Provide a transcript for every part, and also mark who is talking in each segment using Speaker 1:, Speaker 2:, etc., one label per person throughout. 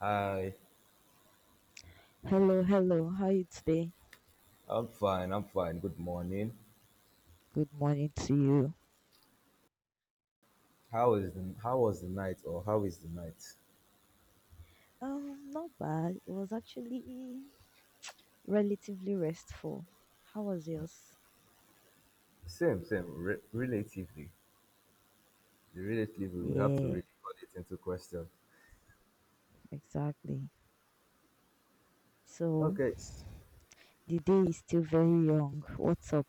Speaker 1: Hi,
Speaker 2: Hello, hello. How are you today?
Speaker 1: I'm fine. I'm fine. Good morning.
Speaker 2: Good morning to you.
Speaker 1: How is the how was the night or how is the night?
Speaker 2: Not bad. It was actually relatively restful. How was yours?
Speaker 1: Same, same. Relatively, we have to
Speaker 2: Yeah,
Speaker 1: really put it into question.
Speaker 2: exactly. So
Speaker 1: Okay.
Speaker 2: the day is still very young. What's up?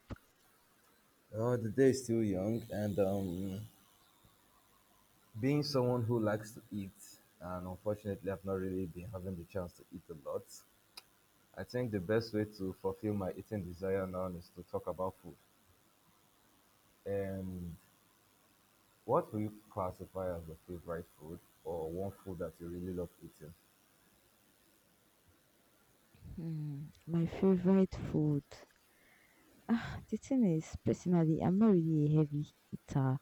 Speaker 1: Oh, the day is still young, and being someone who likes to eat, and unfortunately, I've not really been having the chance to eat a lot. I think the best way to fulfill my eating desire now is to talk about food. And. What do you classify as your favorite food or one food that you really love eating?
Speaker 2: Hmm, my favorite food. Ah, the thing is, personally, I'm not really a heavy eater,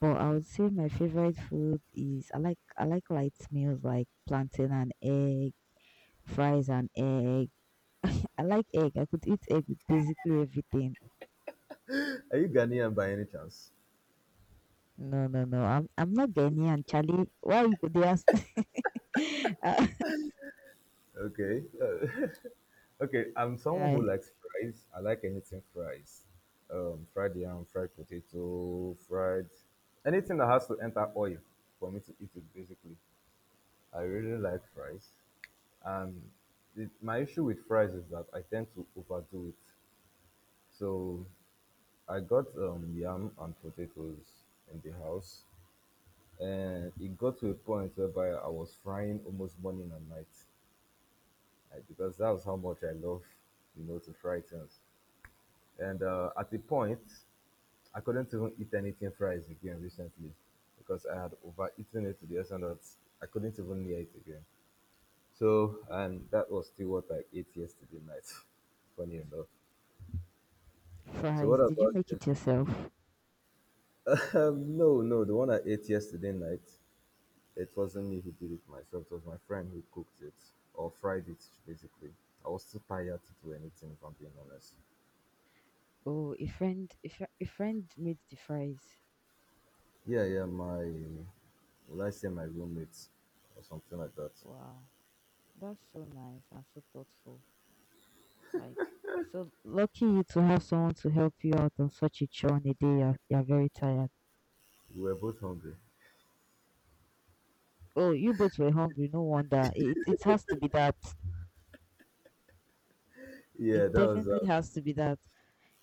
Speaker 2: but I would say my favorite food is I like light meals like plantain and egg, fries and egg. I like egg. I could eat egg with basically everything.
Speaker 1: Are you Ghanaian by any chance?
Speaker 2: No, no, no. I'm not Ghanaian, Charlie. Why you could ask me? uh,
Speaker 1: Okay. Okay, I'm someone
Speaker 2: yeah,
Speaker 1: who likes fries. I like anything fries. Fried yam, fried potato, fried anything that has to enter oil for me to eat it basically. I really like fries. And my issue with fries is that I tend to overdo it. So I got yam and potatoes in the house. And it got to a point whereby I was frying almost morning and night because that was how much I love, you know, to fry things. And at the point, I couldn't even eat anything fries again recently because I had overeaten it to the extent that I couldn't even near it again. So, and that was still what I ate yesterday night, funny enough. So, what
Speaker 2: fries. Did you
Speaker 1: about
Speaker 2: make
Speaker 1: you?
Speaker 2: it yourself?
Speaker 1: No, no, the one I ate yesterday night, it wasn't me who did it myself, it was my friend who cooked it or fried it basically. I was too tired to do anything if I'm being honest.
Speaker 2: Oh, a friend made the fries.
Speaker 1: Yeah, yeah, my, will I say my roommates or something like that.
Speaker 2: Wow, that's so nice and so thoughtful. Like, so lucky you to have someone to help you out on such a chore on a day. You're very tired.
Speaker 1: We were both hungry.
Speaker 2: Oh, you both were hungry. No wonder. It has to be that.
Speaker 1: Yeah,
Speaker 2: It
Speaker 1: that was
Speaker 2: definitely has to be that.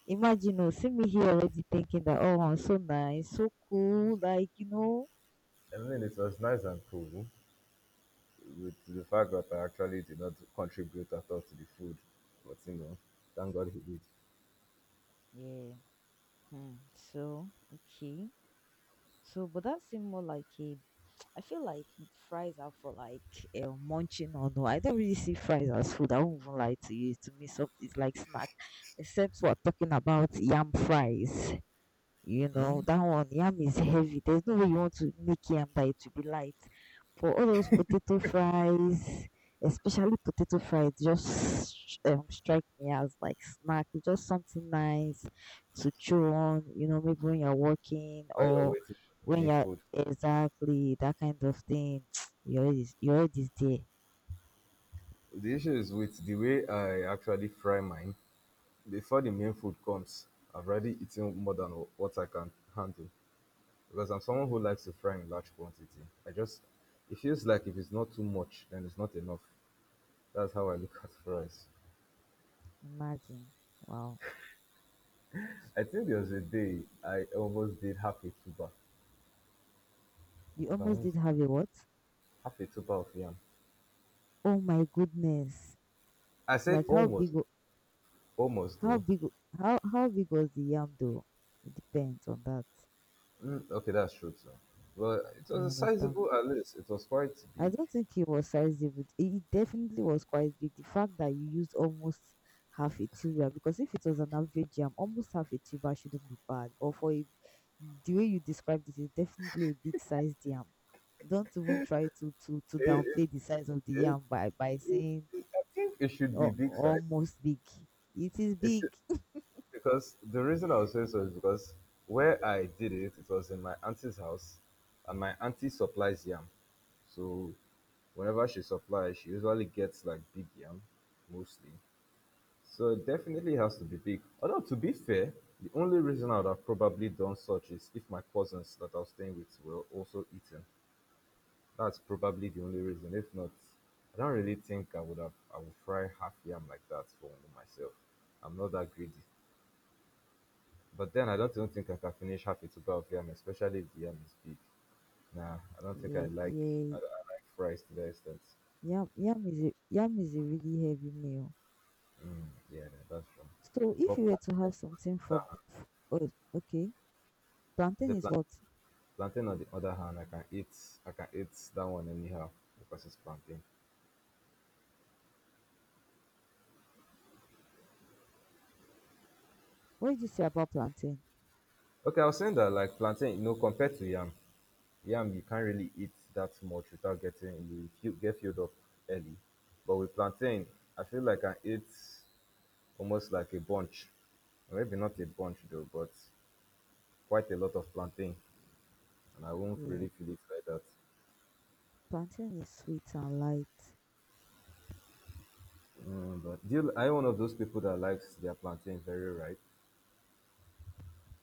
Speaker 2: Imagine, oh, see me here already thinking that, oh, I'm so nice, so cool, like, you know,
Speaker 1: I mean it was nice and cool with the fact that I actually did not contribute at all to the food. But you know, thank God he did.
Speaker 2: yeah. Hmm. So, okay. So, but that seems more like a, I feel like fries are for like munching or No, I don't really see fries as food. I won't even lie to you. To me, so it's like snack, except we're talking about yam fries. You know, that one, yam is heavy. There's no way you want to make yam that it will be light. For all those potato fries, Especially potato fries, just strike me as like snack. It's just something nice to chew on, you know, maybe when you're working
Speaker 1: While you're
Speaker 2: or
Speaker 1: waiting for the
Speaker 2: when
Speaker 1: main
Speaker 2: you're
Speaker 1: food.
Speaker 2: exactly that kind of thing. Your head is there.
Speaker 1: The issue is with the way I actually fry mine. Before the main food comes, I've already eaten more than what I can handle because I'm someone who likes to fry in large quantity. I just, it feels like if it's not too much, then it's not enough. That's how I look at fries.
Speaker 2: Imagine. Wow.
Speaker 1: I think there
Speaker 2: Mm.
Speaker 1: was a day I almost did half a tuba. If
Speaker 2: You
Speaker 1: I'm
Speaker 2: almost did
Speaker 1: honest,
Speaker 2: have a what?
Speaker 1: half a tuba of yam.
Speaker 2: Oh my goodness.
Speaker 1: I said
Speaker 2: Like how big
Speaker 1: almost,
Speaker 2: wa-
Speaker 1: almost
Speaker 2: how
Speaker 1: though.
Speaker 2: big wa- how big was the yam though? It depends on that.
Speaker 1: Mm, okay, that's true too. Well, it
Speaker 2: You
Speaker 1: was a
Speaker 2: understand?
Speaker 1: sizable at least. It was quite
Speaker 2: I
Speaker 1: big.
Speaker 2: don't think it was size it It definitely was quite big. The fact that you used almost half a tuber, because if it was an average yam, almost half a tuber shouldn't be bad. The way you described it is definitely a big sized yam. Don't even try to
Speaker 1: It, it,
Speaker 2: downplay the size of the
Speaker 1: it,
Speaker 2: yam by
Speaker 1: it,
Speaker 2: saying
Speaker 1: it, I think it should be
Speaker 2: oh,
Speaker 1: big size.
Speaker 2: almost big. It is
Speaker 1: It should,
Speaker 2: big.
Speaker 1: because the reason I was saying so is because where I did it, it was in my auntie's house, and my auntie supplies yam. So whenever she supplies, she usually gets like big yam, mostly. So it definitely has to be big. Although to be fair, the only reason I would have probably done such is if my cousins that I was staying with were also eating. That's probably the only reason. If not, I don't really think I would fry half yam like that for myself. I'm not that greedy. But then I don't even think I can finish half a tuber of yam, especially if the yam is big. Nah, I don't think I
Speaker 2: Yeah,
Speaker 1: like,
Speaker 2: yeah,
Speaker 1: I like fries to the extent.
Speaker 2: yam is a really heavy meal.
Speaker 1: Mm, yeah, yeah, that's true.
Speaker 2: So if
Speaker 1: But
Speaker 2: you
Speaker 1: plantain,
Speaker 2: were to have something
Speaker 1: on the
Speaker 2: for,
Speaker 1: other hand,
Speaker 2: f- Oh, okay,
Speaker 1: I
Speaker 2: plantain
Speaker 1: say
Speaker 2: is
Speaker 1: plant,
Speaker 2: what?
Speaker 1: plantain on the other hand, I can eat, I can eat that one anyhow because it's plantain.
Speaker 2: What did you say about plantain?
Speaker 1: Okay, I was saying that like plantain, you know, compared to yam, yam you can't really eat that much without get filled up early. But with plantain, I feel like I eat almost like a bunch, maybe not a bunch though, but quite a lot of plantain, and I won't
Speaker 2: Yeah,
Speaker 1: really feel it like that.
Speaker 2: plantain is sweet and light.
Speaker 1: Mm, but do you, are you one of those people that likes their plantain very ripe?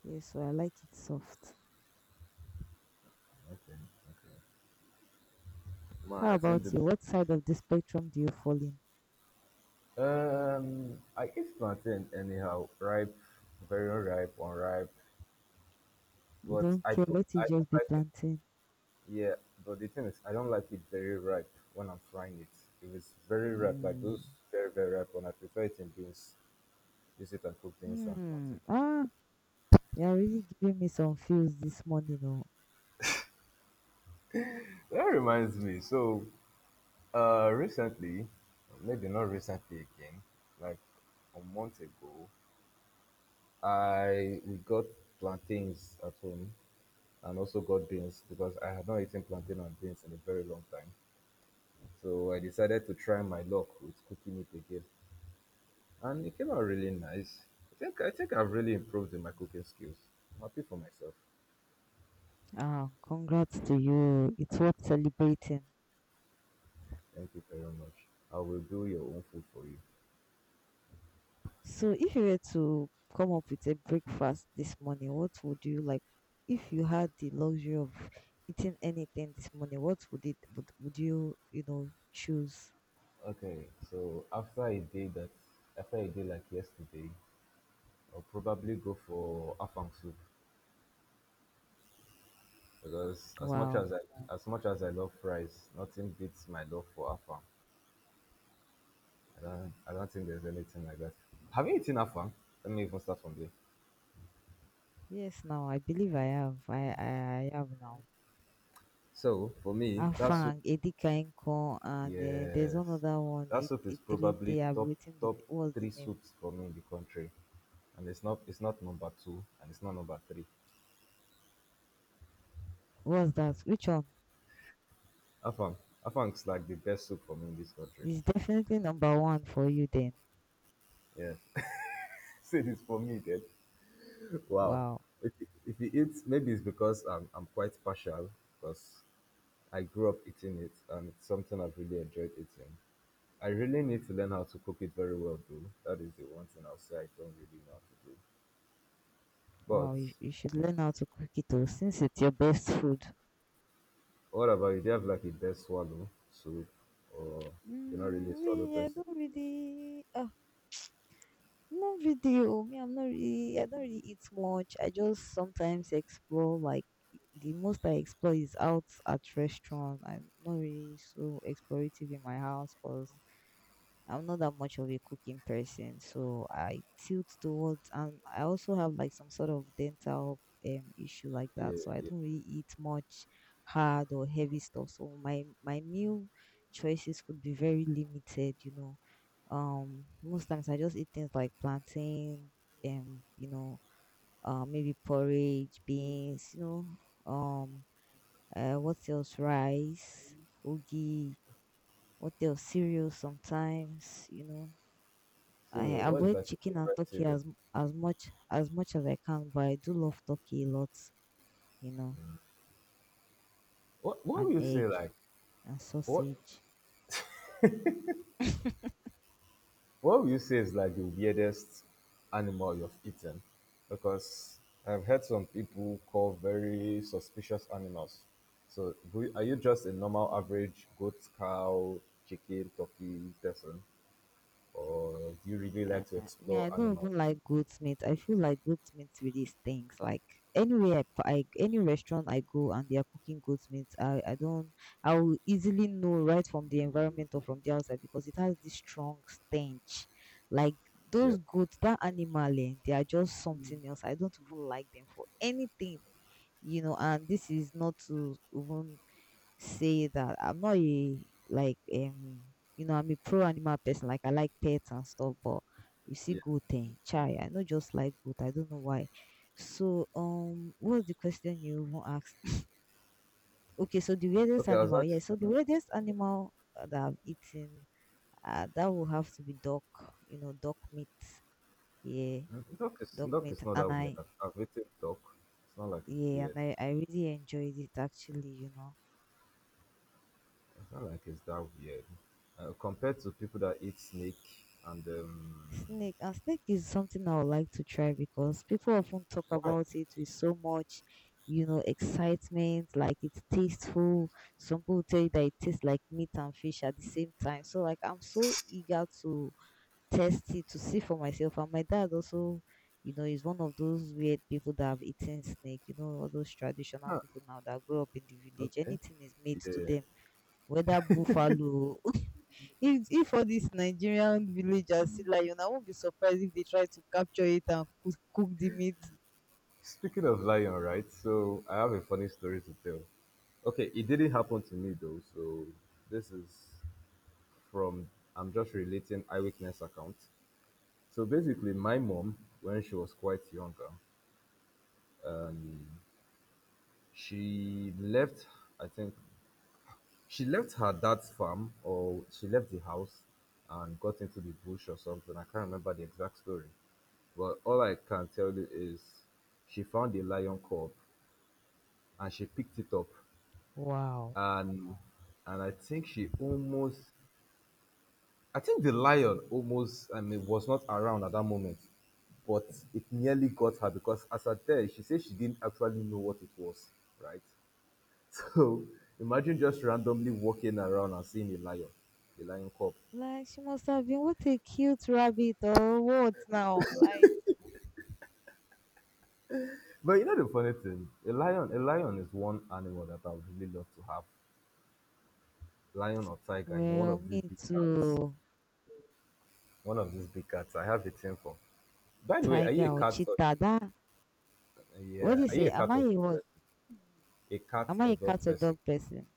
Speaker 2: Yes, so I like it soft.
Speaker 1: Okay, okay. Man,
Speaker 2: How
Speaker 1: I think
Speaker 2: about
Speaker 1: the
Speaker 2: you? What side of the spectrum do you fall in?
Speaker 1: I eat plantain anyhow, ripe, very ripe, unripe,
Speaker 2: You
Speaker 1: but
Speaker 2: don't care. Let it
Speaker 1: I
Speaker 2: just
Speaker 1: don't
Speaker 2: be
Speaker 1: like it.
Speaker 2: plantain.
Speaker 1: Yeah, but the thing is, I don't like it very ripe when I'm frying it. If it's very ripe, like
Speaker 2: Mm.
Speaker 1: those very very ripe, one, I prefer it in beans. Use it and cook beans and
Speaker 2: Hmm.
Speaker 1: plantain.
Speaker 2: Ah, you're really giving me some feels this morning, oh.
Speaker 1: That reminds me. So recently, maybe not recently again, like a month ago, I we got plantains at home and also got beans because I had not eaten plantain and beans in a very long time. So I decided to try my luck with cooking it again, and it came out really nice. I think I've really improved in my cooking skills. I'm happy for myself.
Speaker 2: Ah, congrats to you. It's worth celebrating.
Speaker 1: Thank you very much. I will do your own food for you.
Speaker 2: So if you were to come up with a breakfast this morning, what would you like? If you had the luxury of eating anything this morning, what would it would you, you know, choose?
Speaker 1: Okay, so after a day like yesterday, I'll probably go for afang soup because as much
Speaker 2: Wow.
Speaker 1: as I as much as I love fries, nothing beats my love for afang. I don't think there's anything like that. Have you eaten afang? Let me even start from there.
Speaker 2: Yes, now I believe I have. I have now.
Speaker 1: So for me, that soup,
Speaker 2: Afang, Edika Nko, and then there's
Speaker 1: yes,
Speaker 2: one other one,
Speaker 1: that
Speaker 2: it
Speaker 1: soup is probably
Speaker 2: Itirite, I'm
Speaker 1: top,
Speaker 2: waiting with
Speaker 1: top
Speaker 2: what's the
Speaker 1: three
Speaker 2: name?
Speaker 1: soups for me in the country, and it's not, it's not number two and it's not number three.
Speaker 2: What's that? Which one?
Speaker 1: Afang, afang is like the best soup for me in this country.
Speaker 2: It's definitely number one for you then.
Speaker 1: Yeah, say this for me then. Wow.
Speaker 2: Wow.
Speaker 1: If you eat, maybe it's because I'm quite partial because I grew up eating it and it's something I've really enjoyed eating. I really need to learn how to cook it very well though. That is the one thing I'll say I don't really know how to do.
Speaker 2: Wow,
Speaker 1: But
Speaker 2: you should learn how to cook it though, since it's your best food.
Speaker 1: what about you? Do you have like a best swallow soup or you're not really a
Speaker 2: Mm,
Speaker 1: swallow
Speaker 2: me, I
Speaker 1: person?
Speaker 2: don't really, Not really. Oh, Me, I'm not really. I don't really eat much. I just sometimes explore. Like the most I explore is out at restaurant. I'm not really so explorative in my house because I'm not that much of a cooking person. So I tilt towards, and I also have like some sort of dental issue like
Speaker 1: Yeah,
Speaker 2: that. So I
Speaker 1: yeah.
Speaker 2: don't really eat much hard or heavy stuff. So my meal choices could be very limited. You know most times I just eat things like plantain, and you know, maybe porridge, beans, you know, um, what else? Rice, ogi, what else? Cereal sometimes, you know. I
Speaker 1: Cereal. What is
Speaker 2: avoid
Speaker 1: like a
Speaker 2: chicken and
Speaker 1: favorite
Speaker 2: turkey
Speaker 1: cereal?
Speaker 2: as m- as much as much as I can, but I do love turkey a lot, you know,
Speaker 1: What what
Speaker 2: and
Speaker 1: will you
Speaker 2: egg
Speaker 1: say like
Speaker 2: and
Speaker 1: what
Speaker 2: sausage.
Speaker 1: what would you say is like the weirdest animal you've eaten? Because I've heard some people call very suspicious animals. So, do you- are you just a normal average goat, cow, chicken, turkey person, or do you really like to
Speaker 2: Uh,
Speaker 1: explore
Speaker 2: I don't even
Speaker 1: animals?
Speaker 2: like goat meat. I feel like goat meat really stinks. Like any restaurant I go and they are cooking goat meat, I don't I will easily know right from the environment or from the outside because it has this strong stench. Like
Speaker 1: Yeah,
Speaker 2: those goats, that animal, eh, they are just something else. I don't even like them for anything, you know. And this is not to even say that I'm not a like you know I'm a pro animal person. Like I like pets and stuff, but you see
Speaker 1: yeah.
Speaker 2: goat thing, chai. I not just like goat. I don't know why. So what was the question you even asked? okay, so the weirdest
Speaker 1: Okay, I was
Speaker 2: animal.
Speaker 1: actually,
Speaker 2: That I've eaten, that will have to be duck. You know, duck meat. Yeah,
Speaker 1: duck is,
Speaker 2: duck
Speaker 1: duck
Speaker 2: meat,
Speaker 1: is not that
Speaker 2: and
Speaker 1: weird.
Speaker 2: I
Speaker 1: I've eaten duck. It's not like it's
Speaker 2: yeah, and
Speaker 1: weird.
Speaker 2: I really enjoyed it actually. You know.
Speaker 1: It's not like it's that weird compared to people that eat snake and
Speaker 2: Snake is something I would like to try because people often talk
Speaker 1: why?
Speaker 2: about it with so much, you know, excitement, like it's tasteful. Some people tell you that it tastes like meat and fish at the same time. So like I'm so eager to test it to see for myself. And my dad also, you know, is one of those weird people that have eaten snake, you know, all those traditional people now that grew up in the village.
Speaker 1: Okay.
Speaker 2: Anything is made to
Speaker 1: Yeah.
Speaker 2: them, whether buffalo. If all these nigerian villagers see lion I won't be surprised if they try to capture it and cook the meat.
Speaker 1: Speaking of lion, right? So I have a funny story to tell. Okay, it didn't happen to me though. So this is from, I'm just relating eyewitness account. So basically, my mom, when she was quite younger, she left. I think she left her dad's farm, or she left the house and got into the bush or something. I can't remember the exact story. But all I can tell you is she found a lion cub and she picked it up
Speaker 2: Wow.
Speaker 1: and and I think she almost, I think the lion almost, I mean was not around at that moment, but it nearly got her because as at there she said she didn't actually know what it was, right? So imagine just randomly walking around and seeing a lion cub.
Speaker 2: Like she must have been what, a cute rabbit or what now, like.
Speaker 1: But you know the funny thing, a lion is one animal that I would really love to have. Lion or tiger, you know, one
Speaker 2: Well,
Speaker 1: of these
Speaker 2: me
Speaker 1: big cats.
Speaker 2: too.
Speaker 1: One of these big cats. I have a thing for. By the way, are you a
Speaker 2: Tiger or
Speaker 1: cat? Or,
Speaker 2: cheetah that. What do
Speaker 1: yeah,
Speaker 2: you
Speaker 1: are you
Speaker 2: say,
Speaker 1: a cat
Speaker 2: am I
Speaker 1: or?
Speaker 2: a what?
Speaker 1: A cat
Speaker 2: Am I
Speaker 1: or
Speaker 2: a
Speaker 1: dog
Speaker 2: cat or
Speaker 1: person.
Speaker 2: dog person?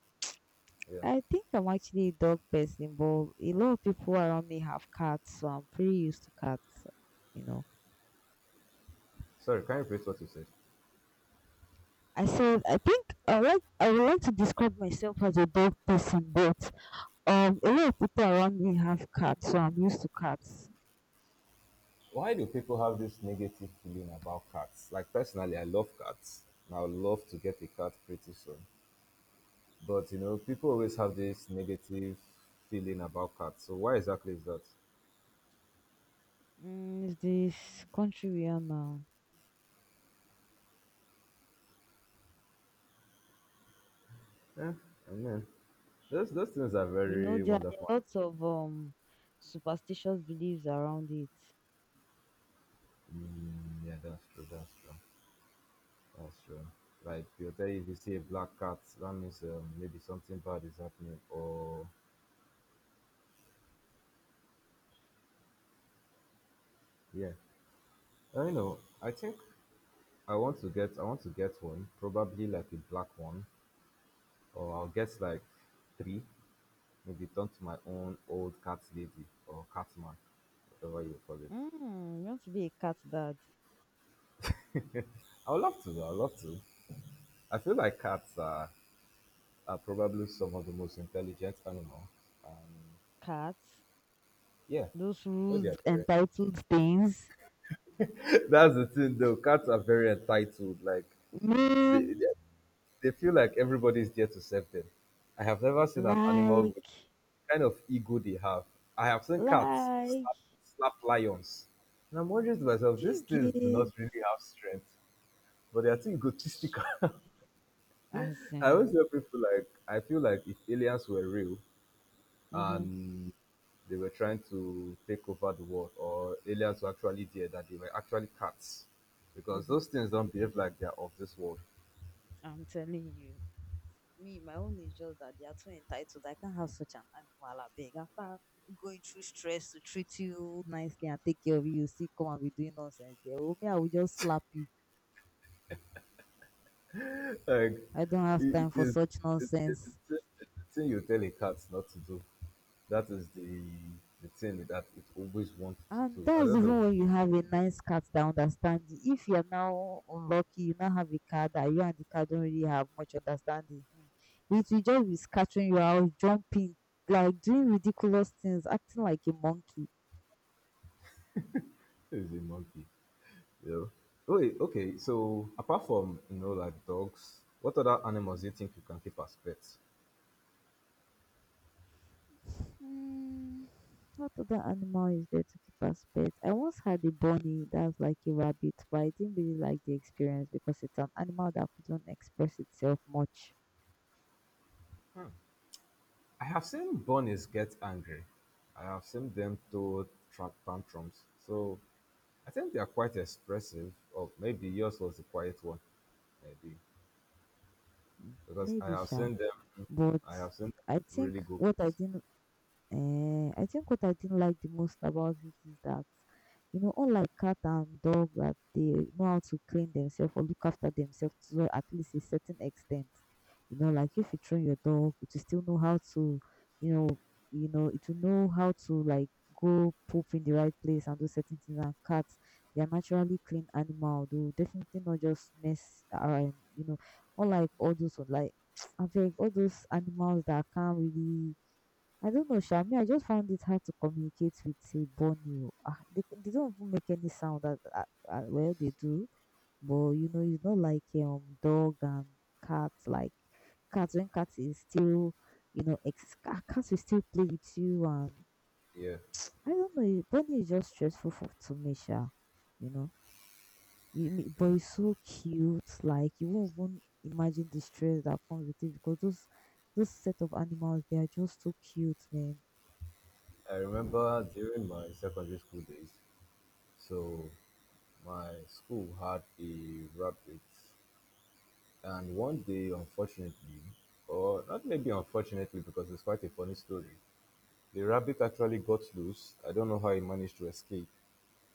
Speaker 1: Yeah.
Speaker 2: I think I'm actually a dog person, but a lot of people around me have cats, so I'm pretty used to cats, you know.
Speaker 1: Sorry, can you repeat what you said?
Speaker 2: I said, I would like to describe myself as a dog person, but a lot of people around me have cats, so I'm used to cats.
Speaker 1: Why do people have this negative feeling about cats? Like personally, I love cats. And I would love to get a cat pretty soon. But you know, people always have this negative feeling about cats. So why exactly is that?
Speaker 2: Mm, it's this country we are now.
Speaker 1: Yeah, I mean, those things are
Speaker 2: You know,
Speaker 1: very
Speaker 2: there are
Speaker 1: wonderful.
Speaker 2: lots of superstitious beliefs around it.
Speaker 1: Mm, yeah, that's true. That's true. That's true. Like they'll tell you if you see a black cat, that means maybe something bad is happening. Or yeah, I don't know. I think I want to get one, probably like a black one, or I'll get like three, maybe turn to my own old cat lady or cat man, whatever you call it.
Speaker 2: Mm, you want to be a cat dad?
Speaker 1: I would love to. I would love to. I feel like cats are probably some of the most intelligent animals. Um,
Speaker 2: Cats,
Speaker 1: yeah,
Speaker 2: those
Speaker 1: I feel they
Speaker 2: rude,
Speaker 1: are very.
Speaker 2: entitled things.
Speaker 1: That's the thing, though. Cats are very entitled. Like they,
Speaker 2: Man,
Speaker 1: they, they feel like everybody's there to serve them. I have never seen an animal,
Speaker 2: like,
Speaker 1: kind of ego they have. I have seen cats
Speaker 2: like.
Speaker 1: slap, slap lions. And I'm wondering to myself, these
Speaker 2: You
Speaker 1: things do not
Speaker 2: get.
Speaker 1: really have strength, but they are too egotistic.
Speaker 2: As
Speaker 1: I always
Speaker 2: in,
Speaker 1: tell people, like, I feel like if aliens were real
Speaker 2: mm-hmm,
Speaker 1: and they were trying to take over the world, or aliens were actually there, that they were actually cats. Because
Speaker 2: mm-hmm.
Speaker 1: those things don't behave like they are of this world.
Speaker 2: I'm telling you, me, my own is just that they are too entitled. I can't have such an animal at big. After going through stress to treat you nicely and take care of you, you still come and be doing nonsense there. Oh, me, I will just slap you.
Speaker 1: Like
Speaker 2: I don't have
Speaker 1: it, it
Speaker 2: time for
Speaker 1: is
Speaker 2: such
Speaker 1: it's
Speaker 2: nonsense.
Speaker 1: the thing, it's the thing you tell a cat not to do. That is the thing that it always wants to
Speaker 2: And
Speaker 1: do. I
Speaker 2: that's
Speaker 1: don't
Speaker 2: even
Speaker 1: know.
Speaker 2: when you have a nice cat that understands you. If you're now unlucky, you now have a cat that you and the cat don't really have much understanding. Hmm, it will just be scattering you out, jumping, like doing ridiculous things, acting like a monkey.
Speaker 1: It's a monkey. You know. Wait, okay, so apart from, you know, like dogs, what other animals do you think you can keep as pets?
Speaker 2: Hmm, what other animal is there to keep as pet? I once had a bunny that was like a rabbit, but I didn't really like the experience because it's an animal that couldn't express itself much.
Speaker 1: Hmm. I have seen bunnies get angry. I have seen them throw tantrums. So I think they are quite expressive. Or maybe yours was the quiet one, maybe,
Speaker 2: Hmm,
Speaker 1: because I
Speaker 2: maybe
Speaker 1: have
Speaker 2: sha,
Speaker 1: seen them.
Speaker 2: but
Speaker 1: I have seen them
Speaker 2: I think
Speaker 1: really good.
Speaker 2: what I didn't I think what I didn't like the most about it is that, you know, unlike cat and dog that they know how to clean themselves or look after themselves to at least a certain extent. You know, like if you train your dog, it will still know how to, you know, you know, it will know how to like go poop in the right place and do certain things. And cats, they are naturally clean animal. They will definitely not just mess around. You know, unlike all those like, I think all those animals that can't really I don't know, Sha. I just found it hard to communicate with a Borneo. Ah, they don't even make any sound. Well, they do, but you know, it's not like dog and cat. Like cats, when cats is still, you know, cats will still play with you, and
Speaker 1: Yeah.
Speaker 2: I don't know. Borneo is just stressful for to me, Sha. You know. You mean, but it's so cute. Like you won't even imagine the stress that comes with it because those set of animals they are just so cute, man.
Speaker 1: I remember during my secondary school days, so my school had a rabbit, and one day, unfortunately, or not maybe unfortunately because it's quite a funny story, the rabbit actually got loose. I don't know how he managed to escape,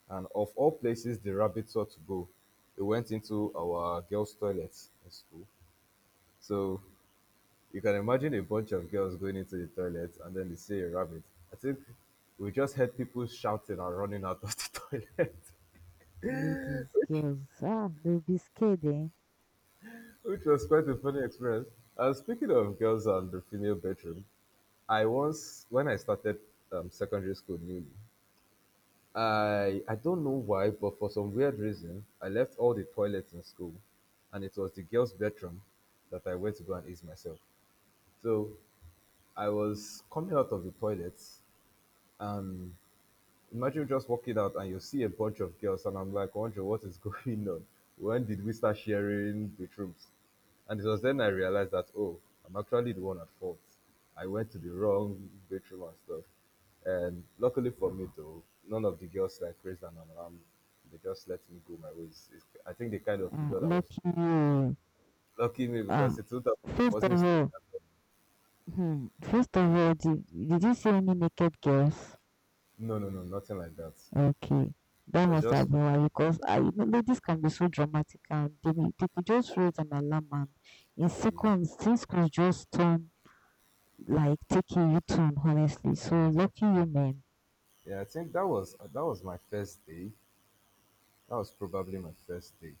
Speaker 1: and of all places, the rabbit sought to go. It went into our girls' toilets in school, so you can imagine a bunch of girls going into the toilet and then they see a rabbit. I think we just heard people shouting and running out of the toilet,
Speaker 2: Ladies,
Speaker 1: which,
Speaker 2: girls, ah, they'll be scared, eh?
Speaker 1: which was quite a funny experience. Speaking of girls and the female bedroom, I once, when I started secondary school newly, I don't know why, but for some weird reason, I left all the toilets in school and it was the girls' bedroom that I went to go and use myself. So I was coming out of the toilet and imagine just walking out and you see a bunch of girls, and I'm like wondering what is going on. When did we start sharing bedrooms? And it was then I realized that, oh, I'm actually the one at fault. I went to the wrong bedroom and stuff. And luckily for me though, none of the girls like raised an alarm. They just let me go my ways. It's, I think they kind of figured I was
Speaker 2: Lucky you.
Speaker 1: lucky me
Speaker 2: Ah.
Speaker 1: because it would have it
Speaker 2: First
Speaker 1: wasn't
Speaker 2: of
Speaker 1: still
Speaker 2: all, hmm, first of all, did you see any naked girls?
Speaker 1: no, no, no, nothing like that. It
Speaker 2: Okay, that
Speaker 1: was
Speaker 2: must
Speaker 1: just
Speaker 2: have been why because I, you know, ladies can be so dramatic and they could just raise an alarm and in seconds things could just turn like taking you turn, honestly. So lucky you, men.
Speaker 1: yeah. I think that was my first day. That was probably my first day.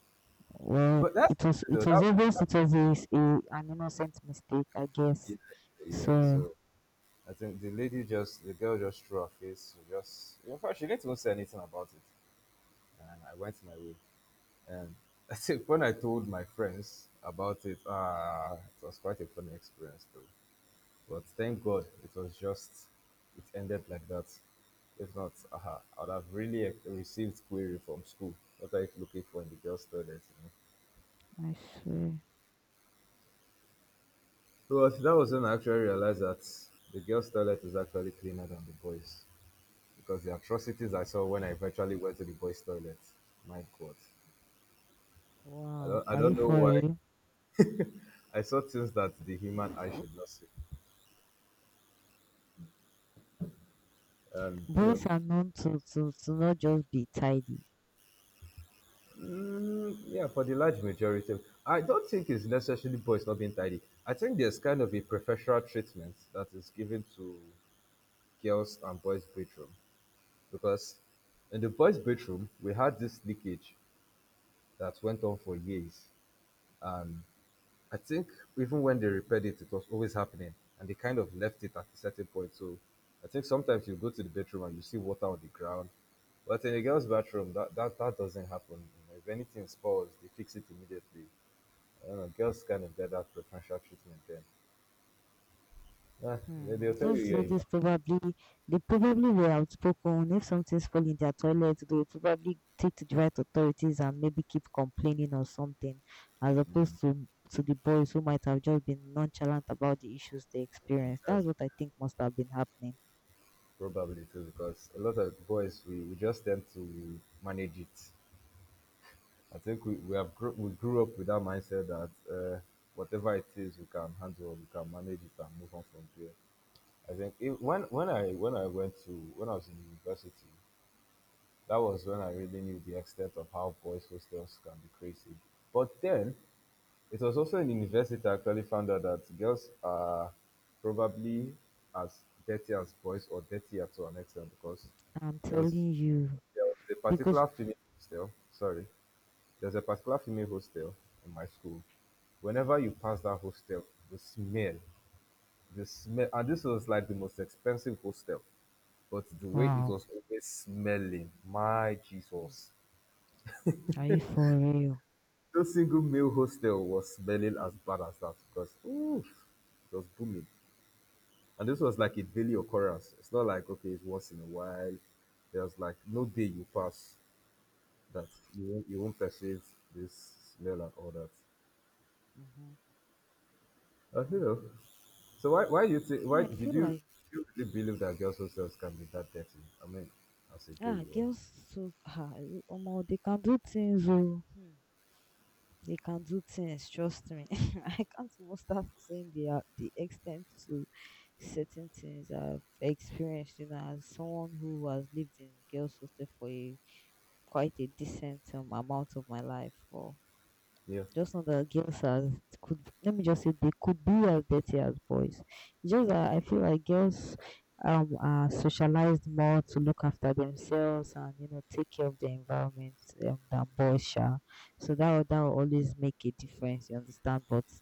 Speaker 2: Well,
Speaker 1: But that's
Speaker 2: it was it
Speaker 1: though.
Speaker 2: was
Speaker 1: That, was,
Speaker 2: obvious
Speaker 1: that
Speaker 2: it was an innocent mistake, I
Speaker 1: yeah,
Speaker 2: guess.
Speaker 1: yeah.
Speaker 2: So
Speaker 1: So I think the girl just threw her face. She just, in fact, she didn't even say anything about it, and I went my way. And I think when I told my friends about it, ah, it was quite a funny experience though. But thank God it was just it ended like that. If not, aha, I would have really received query from school. What are you looking for in the girls' toilet?
Speaker 2: I swear.
Speaker 1: So that was when I actually realized that the girls' toilet is actually cleaner than the boys. Because the atrocities I saw when I eventually went to the boys' toilet, my God.
Speaker 2: Wow,
Speaker 1: I
Speaker 2: are you
Speaker 1: don't know
Speaker 2: for
Speaker 1: why.
Speaker 2: real?
Speaker 1: I saw things that the human eye should not see. And, you know,
Speaker 2: Boys are known to not just be tidy.
Speaker 1: yeah, for the large majority, I don't think it's necessarily boys not being tidy. I think there's kind of a preferential treatment that is given to girls and boys' bedroom. Because in the boys' bedroom, we had this leakage that went on for years, I think. Even when they repaired it, it was always happening, and they kind of left it at a certain point. So I think sometimes you go to the bedroom and you see water on the ground, but in a girl's bathroom, that doesn't happen. You know, if anything spoils, they fix it immediately. I don't know, girls kind of get that preferential treatment then. Yeah,
Speaker 2: Hmm,
Speaker 1: they'll tell you
Speaker 2: those
Speaker 1: you're a man.
Speaker 2: ladies probably they probably were outspoken. If something's falling in their toilet, they will probably take to the right authorities and maybe keep complaining or something, as opposed to the boys who might have just been nonchalant about the issues they experienced. That's
Speaker 1: That's
Speaker 2: what I think must have been happening.
Speaker 1: probably true because a lot of boys, we just tend to manage it. I think we have grew, we grew up with that mindset that whatever it is, we can handle, we can manage it, and move on from there. I think if, when I went to when I was in university, that was when I really knew the extent of how boys' hostels can be crazy. But then it was also in university I actually found out that girls are probably as dirty as boys, or dirtier to an extent, because
Speaker 2: I'm
Speaker 1: there was
Speaker 2: telling you,
Speaker 1: there was a
Speaker 2: because
Speaker 1: particular female hostel. Sorry, there's a particular female hostel in my school. Whenever you pass that hostel, the smell, the smell, and this was like the most expensive hostel, but the way it
Speaker 2: wow.
Speaker 1: was always smelling, my
Speaker 2: Hmm,
Speaker 1: Jesus.
Speaker 2: are you for real?
Speaker 1: No single male hostel was smelling as bad as that because, ooh, it was booming. And this was like a daily occurrence. It's not like, okay, it's once in a while. There's like no day you pass that you won't perceive this smell and all that.
Speaker 2: Mm-hmm.
Speaker 1: You know, so why you think why
Speaker 2: Yeah, I
Speaker 1: did you
Speaker 2: feel
Speaker 1: do
Speaker 2: like,
Speaker 1: you really believe that girls' hostels can be that dirty? I mean, as a girl,
Speaker 2: ah,
Speaker 1: you were.
Speaker 2: girls, so omo, they can do things oh. Hmm. They can do things, trust me. I can't even start saying the extent to certain things I've experienced, you know, as someone who has lived in girls' hostel for a quite a decent amount of my life for,
Speaker 1: Yeah.
Speaker 2: just not that girls are, could, let me just say they could be as dirty as boys. It's just that I feel like girls are socialized more to look after themselves and, you know, take care of the environment, than boys are. So that will always make a difference. You understand? But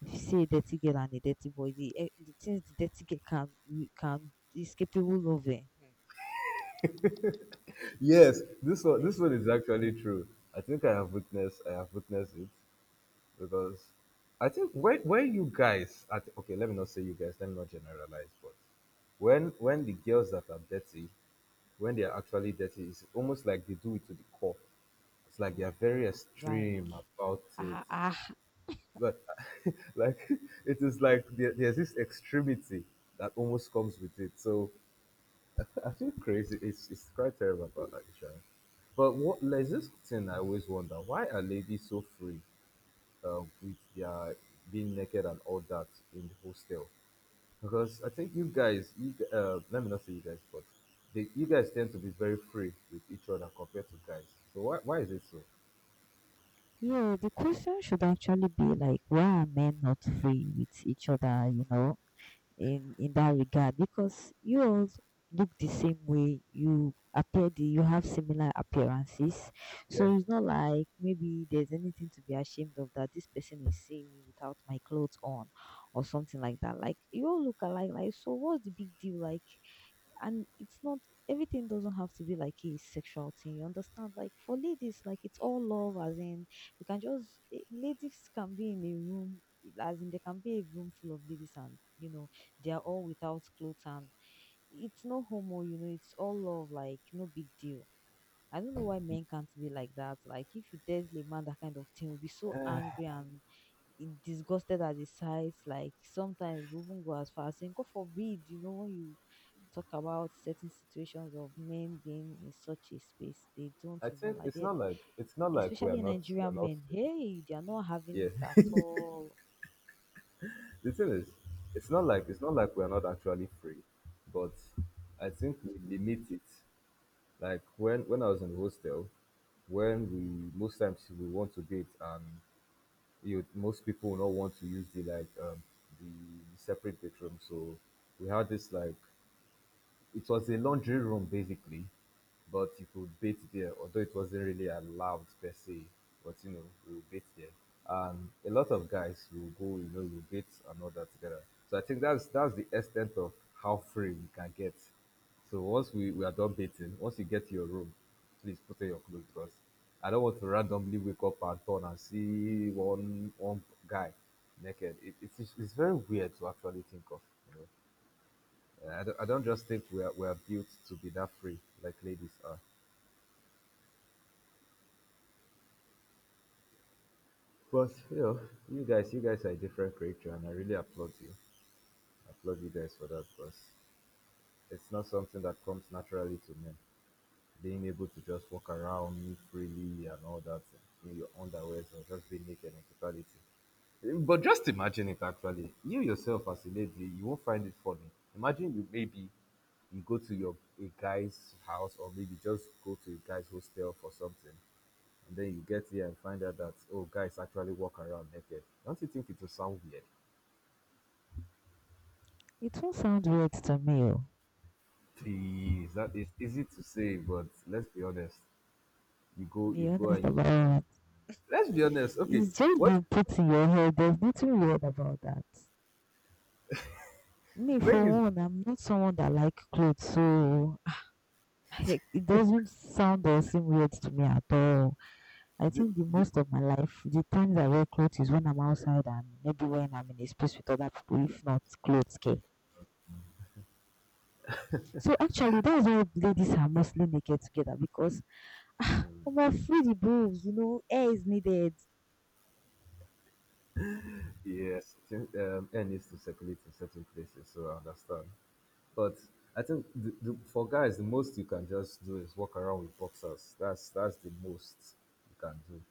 Speaker 2: if you see a dirty girl and a dirty boy, the things the dirty girl can, we can, is capable of, it.
Speaker 1: Yes, this one
Speaker 2: Honestly.
Speaker 1: is actually true. I think I have witnessed it because I think when you guys at, okay, let me not say you guys, let me not generalize, but when
Speaker 2: Mhm.
Speaker 1: when the girls that are dirty, when they are actually dirty, it's almost like they do it to the core. It's like they are
Speaker 2: Hmm.
Speaker 1: very extreme
Speaker 2: Like,
Speaker 1: about it.
Speaker 2: ah, ah.
Speaker 1: But like it is like there's this extremity that almost comes with it. So I feel crazy. It's quite terrible about that, Isha. But what, there's this thing I always wonder: why are ladies so free with their being naked and all that in the hostel? Because I think you guys, let me not say you guys, but you guys tend to be very free with each other compared to guys. So why is it so?
Speaker 2: Yeah, the question should actually be like, why are men not free with each other, you know, in that regard? Because you all look the same way, you appear the, you have similar appearances,
Speaker 1: Yeah.
Speaker 2: so it's not like maybe there's anything to be ashamed of that this person is seeing me without my clothes on, or something like that. Like you all look alike, like so what's the big deal? Like, and it's not, everything doesn't have to be like a sexual thing. You understand? Like for ladies, like it's all love, as in you can just ladies can be in a room, as in there can be a room full of ladies, and you know they are all without clothes, and it's no homo. You know, it's all love, like no big deal. I don't know why men can't be like that. Like if you tell a man that kind of thing, will be so angry and disgusted at the sight. Like sometimes we even go as far as saying, "God forbid," you know, when you talk about certain situations of men being in such a space, they don't
Speaker 1: I
Speaker 2: even
Speaker 1: think
Speaker 2: like they.
Speaker 1: it's not like
Speaker 2: Especially
Speaker 1: we are
Speaker 2: Nigerian
Speaker 1: not
Speaker 2: men. Hey, they are not having
Speaker 1: yeah
Speaker 2: it at all.
Speaker 1: the thing is, it's not like we're not actually free, but I think we limit it. Like when I was in the hostel, when we most times we want to date and you most people will not want to use the like the separate bedroom, so we had this like it was a laundry room basically, but you could bathe there, although it wasn't really allowed per se. But you know, we would bathe there, and a lot of guys will go, you know, you bathe and all that together. So I think that's the extent of how free we can get. So once we are done bathing, once you get to your room, please put on your clothes because I don't want to randomly wake up and turn and see one guy naked. It's very weird to actually think of, you know. I don't just think we are built to be that free like ladies are. But you know, you guys are a different creature, and I really applaud you. I applaud you guys for that because it's not something that comes naturally to men. Being able to just walk around me freely and all that in your underwear or just be naked in totality. But just imagine it actually. You yourself as a lady, you won't find it funny. Imagine you maybe you go to your a guy's house or maybe just go to a guy's hostel for something and then you get here and find out that, oh, guys actually walk around naked. Don't you think it will sound weird?
Speaker 2: It won't sound weird to me. Oh.
Speaker 1: Please, that is easy to say, but let's be honest. You
Speaker 2: Be
Speaker 1: go,
Speaker 2: honest
Speaker 1: and you-
Speaker 2: about it.
Speaker 1: let's be honest. Okay,
Speaker 2: It's just
Speaker 1: what?
Speaker 2: been put in your head. There's nothing weird about that. Me, for
Speaker 1: Maybe it's
Speaker 2: one, I'm not someone that like clothes, so it doesn't sound or seem weird to me at all. I
Speaker 1: the,
Speaker 2: think the
Speaker 1: the,
Speaker 2: most of my life, the times I wear clothes is when I'm outside and maybe when I'm in a space with other people, if not clothes okay. So actually, that's why ladies are mostly naked together because, omo, free the bulbs, you know, air is needed.
Speaker 1: yes. I think, um, air needs to circulate in certain places, so I understand. But I think for guys, the most you can just do is walk around with boxers. That's the most you can do.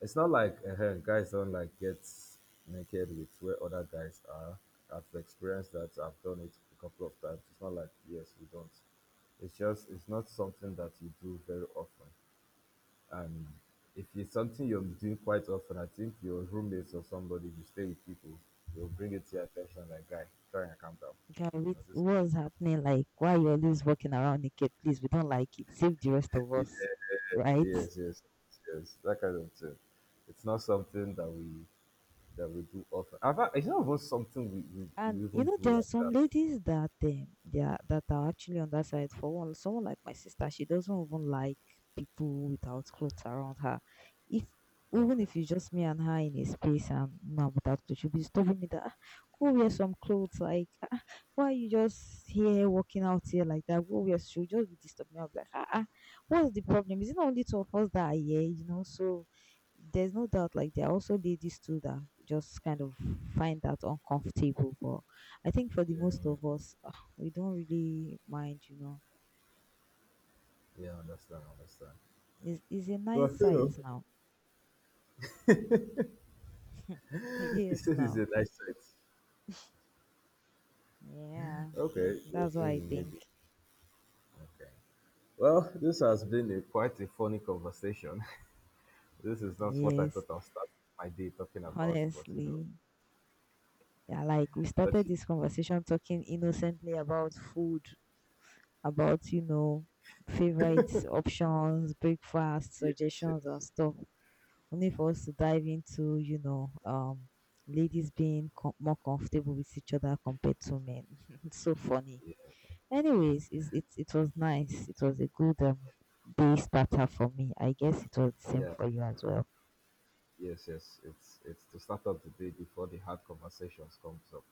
Speaker 1: It's not like guys don't like get naked with where other guys are. I've experienced that. I've done it a couple of times. It's not like yes, we don't. It's not something that you do very often. And if it's something you're doing quite often, I think your roommates or somebody you stay with people, they'll bring it to your attention like, guy, try and calm down.
Speaker 2: Guy, wait,
Speaker 1: You know, this.
Speaker 2: what's happening? Like, why you always walking around naked? Please, we don't like it. Save the rest of us, right?
Speaker 1: Yes, yes, yes. yes." That kind of thing. It's not something that we do often. In fact, it's not even something
Speaker 2: And
Speaker 1: we
Speaker 2: you
Speaker 1: even
Speaker 2: know, there
Speaker 1: do
Speaker 2: are
Speaker 1: like
Speaker 2: some
Speaker 1: that.
Speaker 2: ladies that, they are, that are actually on that side. For one, someone like my sister, she doesn't even like people without clothes around her. If, even
Speaker 1: Okay.
Speaker 2: if it's just me and her in a space and no, I'm without clothes, she'll be stopping me that, "Ah, go wear some clothes." Like, "Ah, why are you just here walking out here like that? Go wear." She'll just be disturbing me. I'll be like, ah, ah, what's the problem? Is it not only two of us that are here? You know, so there's no doubt like there are also ladies too that just kind of find that uncomfortable, but I think for the most of us, ah, we don't really mind, you know,
Speaker 1: Yeah, I understand, I understand.
Speaker 2: it's a nice
Speaker 1: But you
Speaker 2: sight
Speaker 1: know,
Speaker 2: now.
Speaker 1: it
Speaker 2: Yes
Speaker 1: still is
Speaker 2: now.
Speaker 1: a nice sight.
Speaker 2: Yeah,
Speaker 1: Okay,
Speaker 2: that's what I
Speaker 1: maybe,
Speaker 2: think.
Speaker 1: maybe. Okay. Well, this has been a quite a funny conversation. This is not what I
Speaker 2: Yes,
Speaker 1: thought I'll start my day talking about, but you know,
Speaker 2: honestly. Yeah, like we
Speaker 1: but
Speaker 2: started this conversation talking innocently about food, about, you know, favorite options, breakfast
Speaker 1: yes,
Speaker 2: suggestions and
Speaker 1: yes,
Speaker 2: stuff, only for us to dive into, you know, ladies being more comfortable with each other compared to men. It's so funny.
Speaker 1: yeah,
Speaker 2: Anyways, it's, it was nice. It was a good, day starter for me. I guess it was the same
Speaker 1: yeah,
Speaker 2: for you as well.
Speaker 1: yes, yes. It's to start up the day before the hard conversations comes up,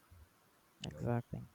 Speaker 1: you know.
Speaker 2: Exactly.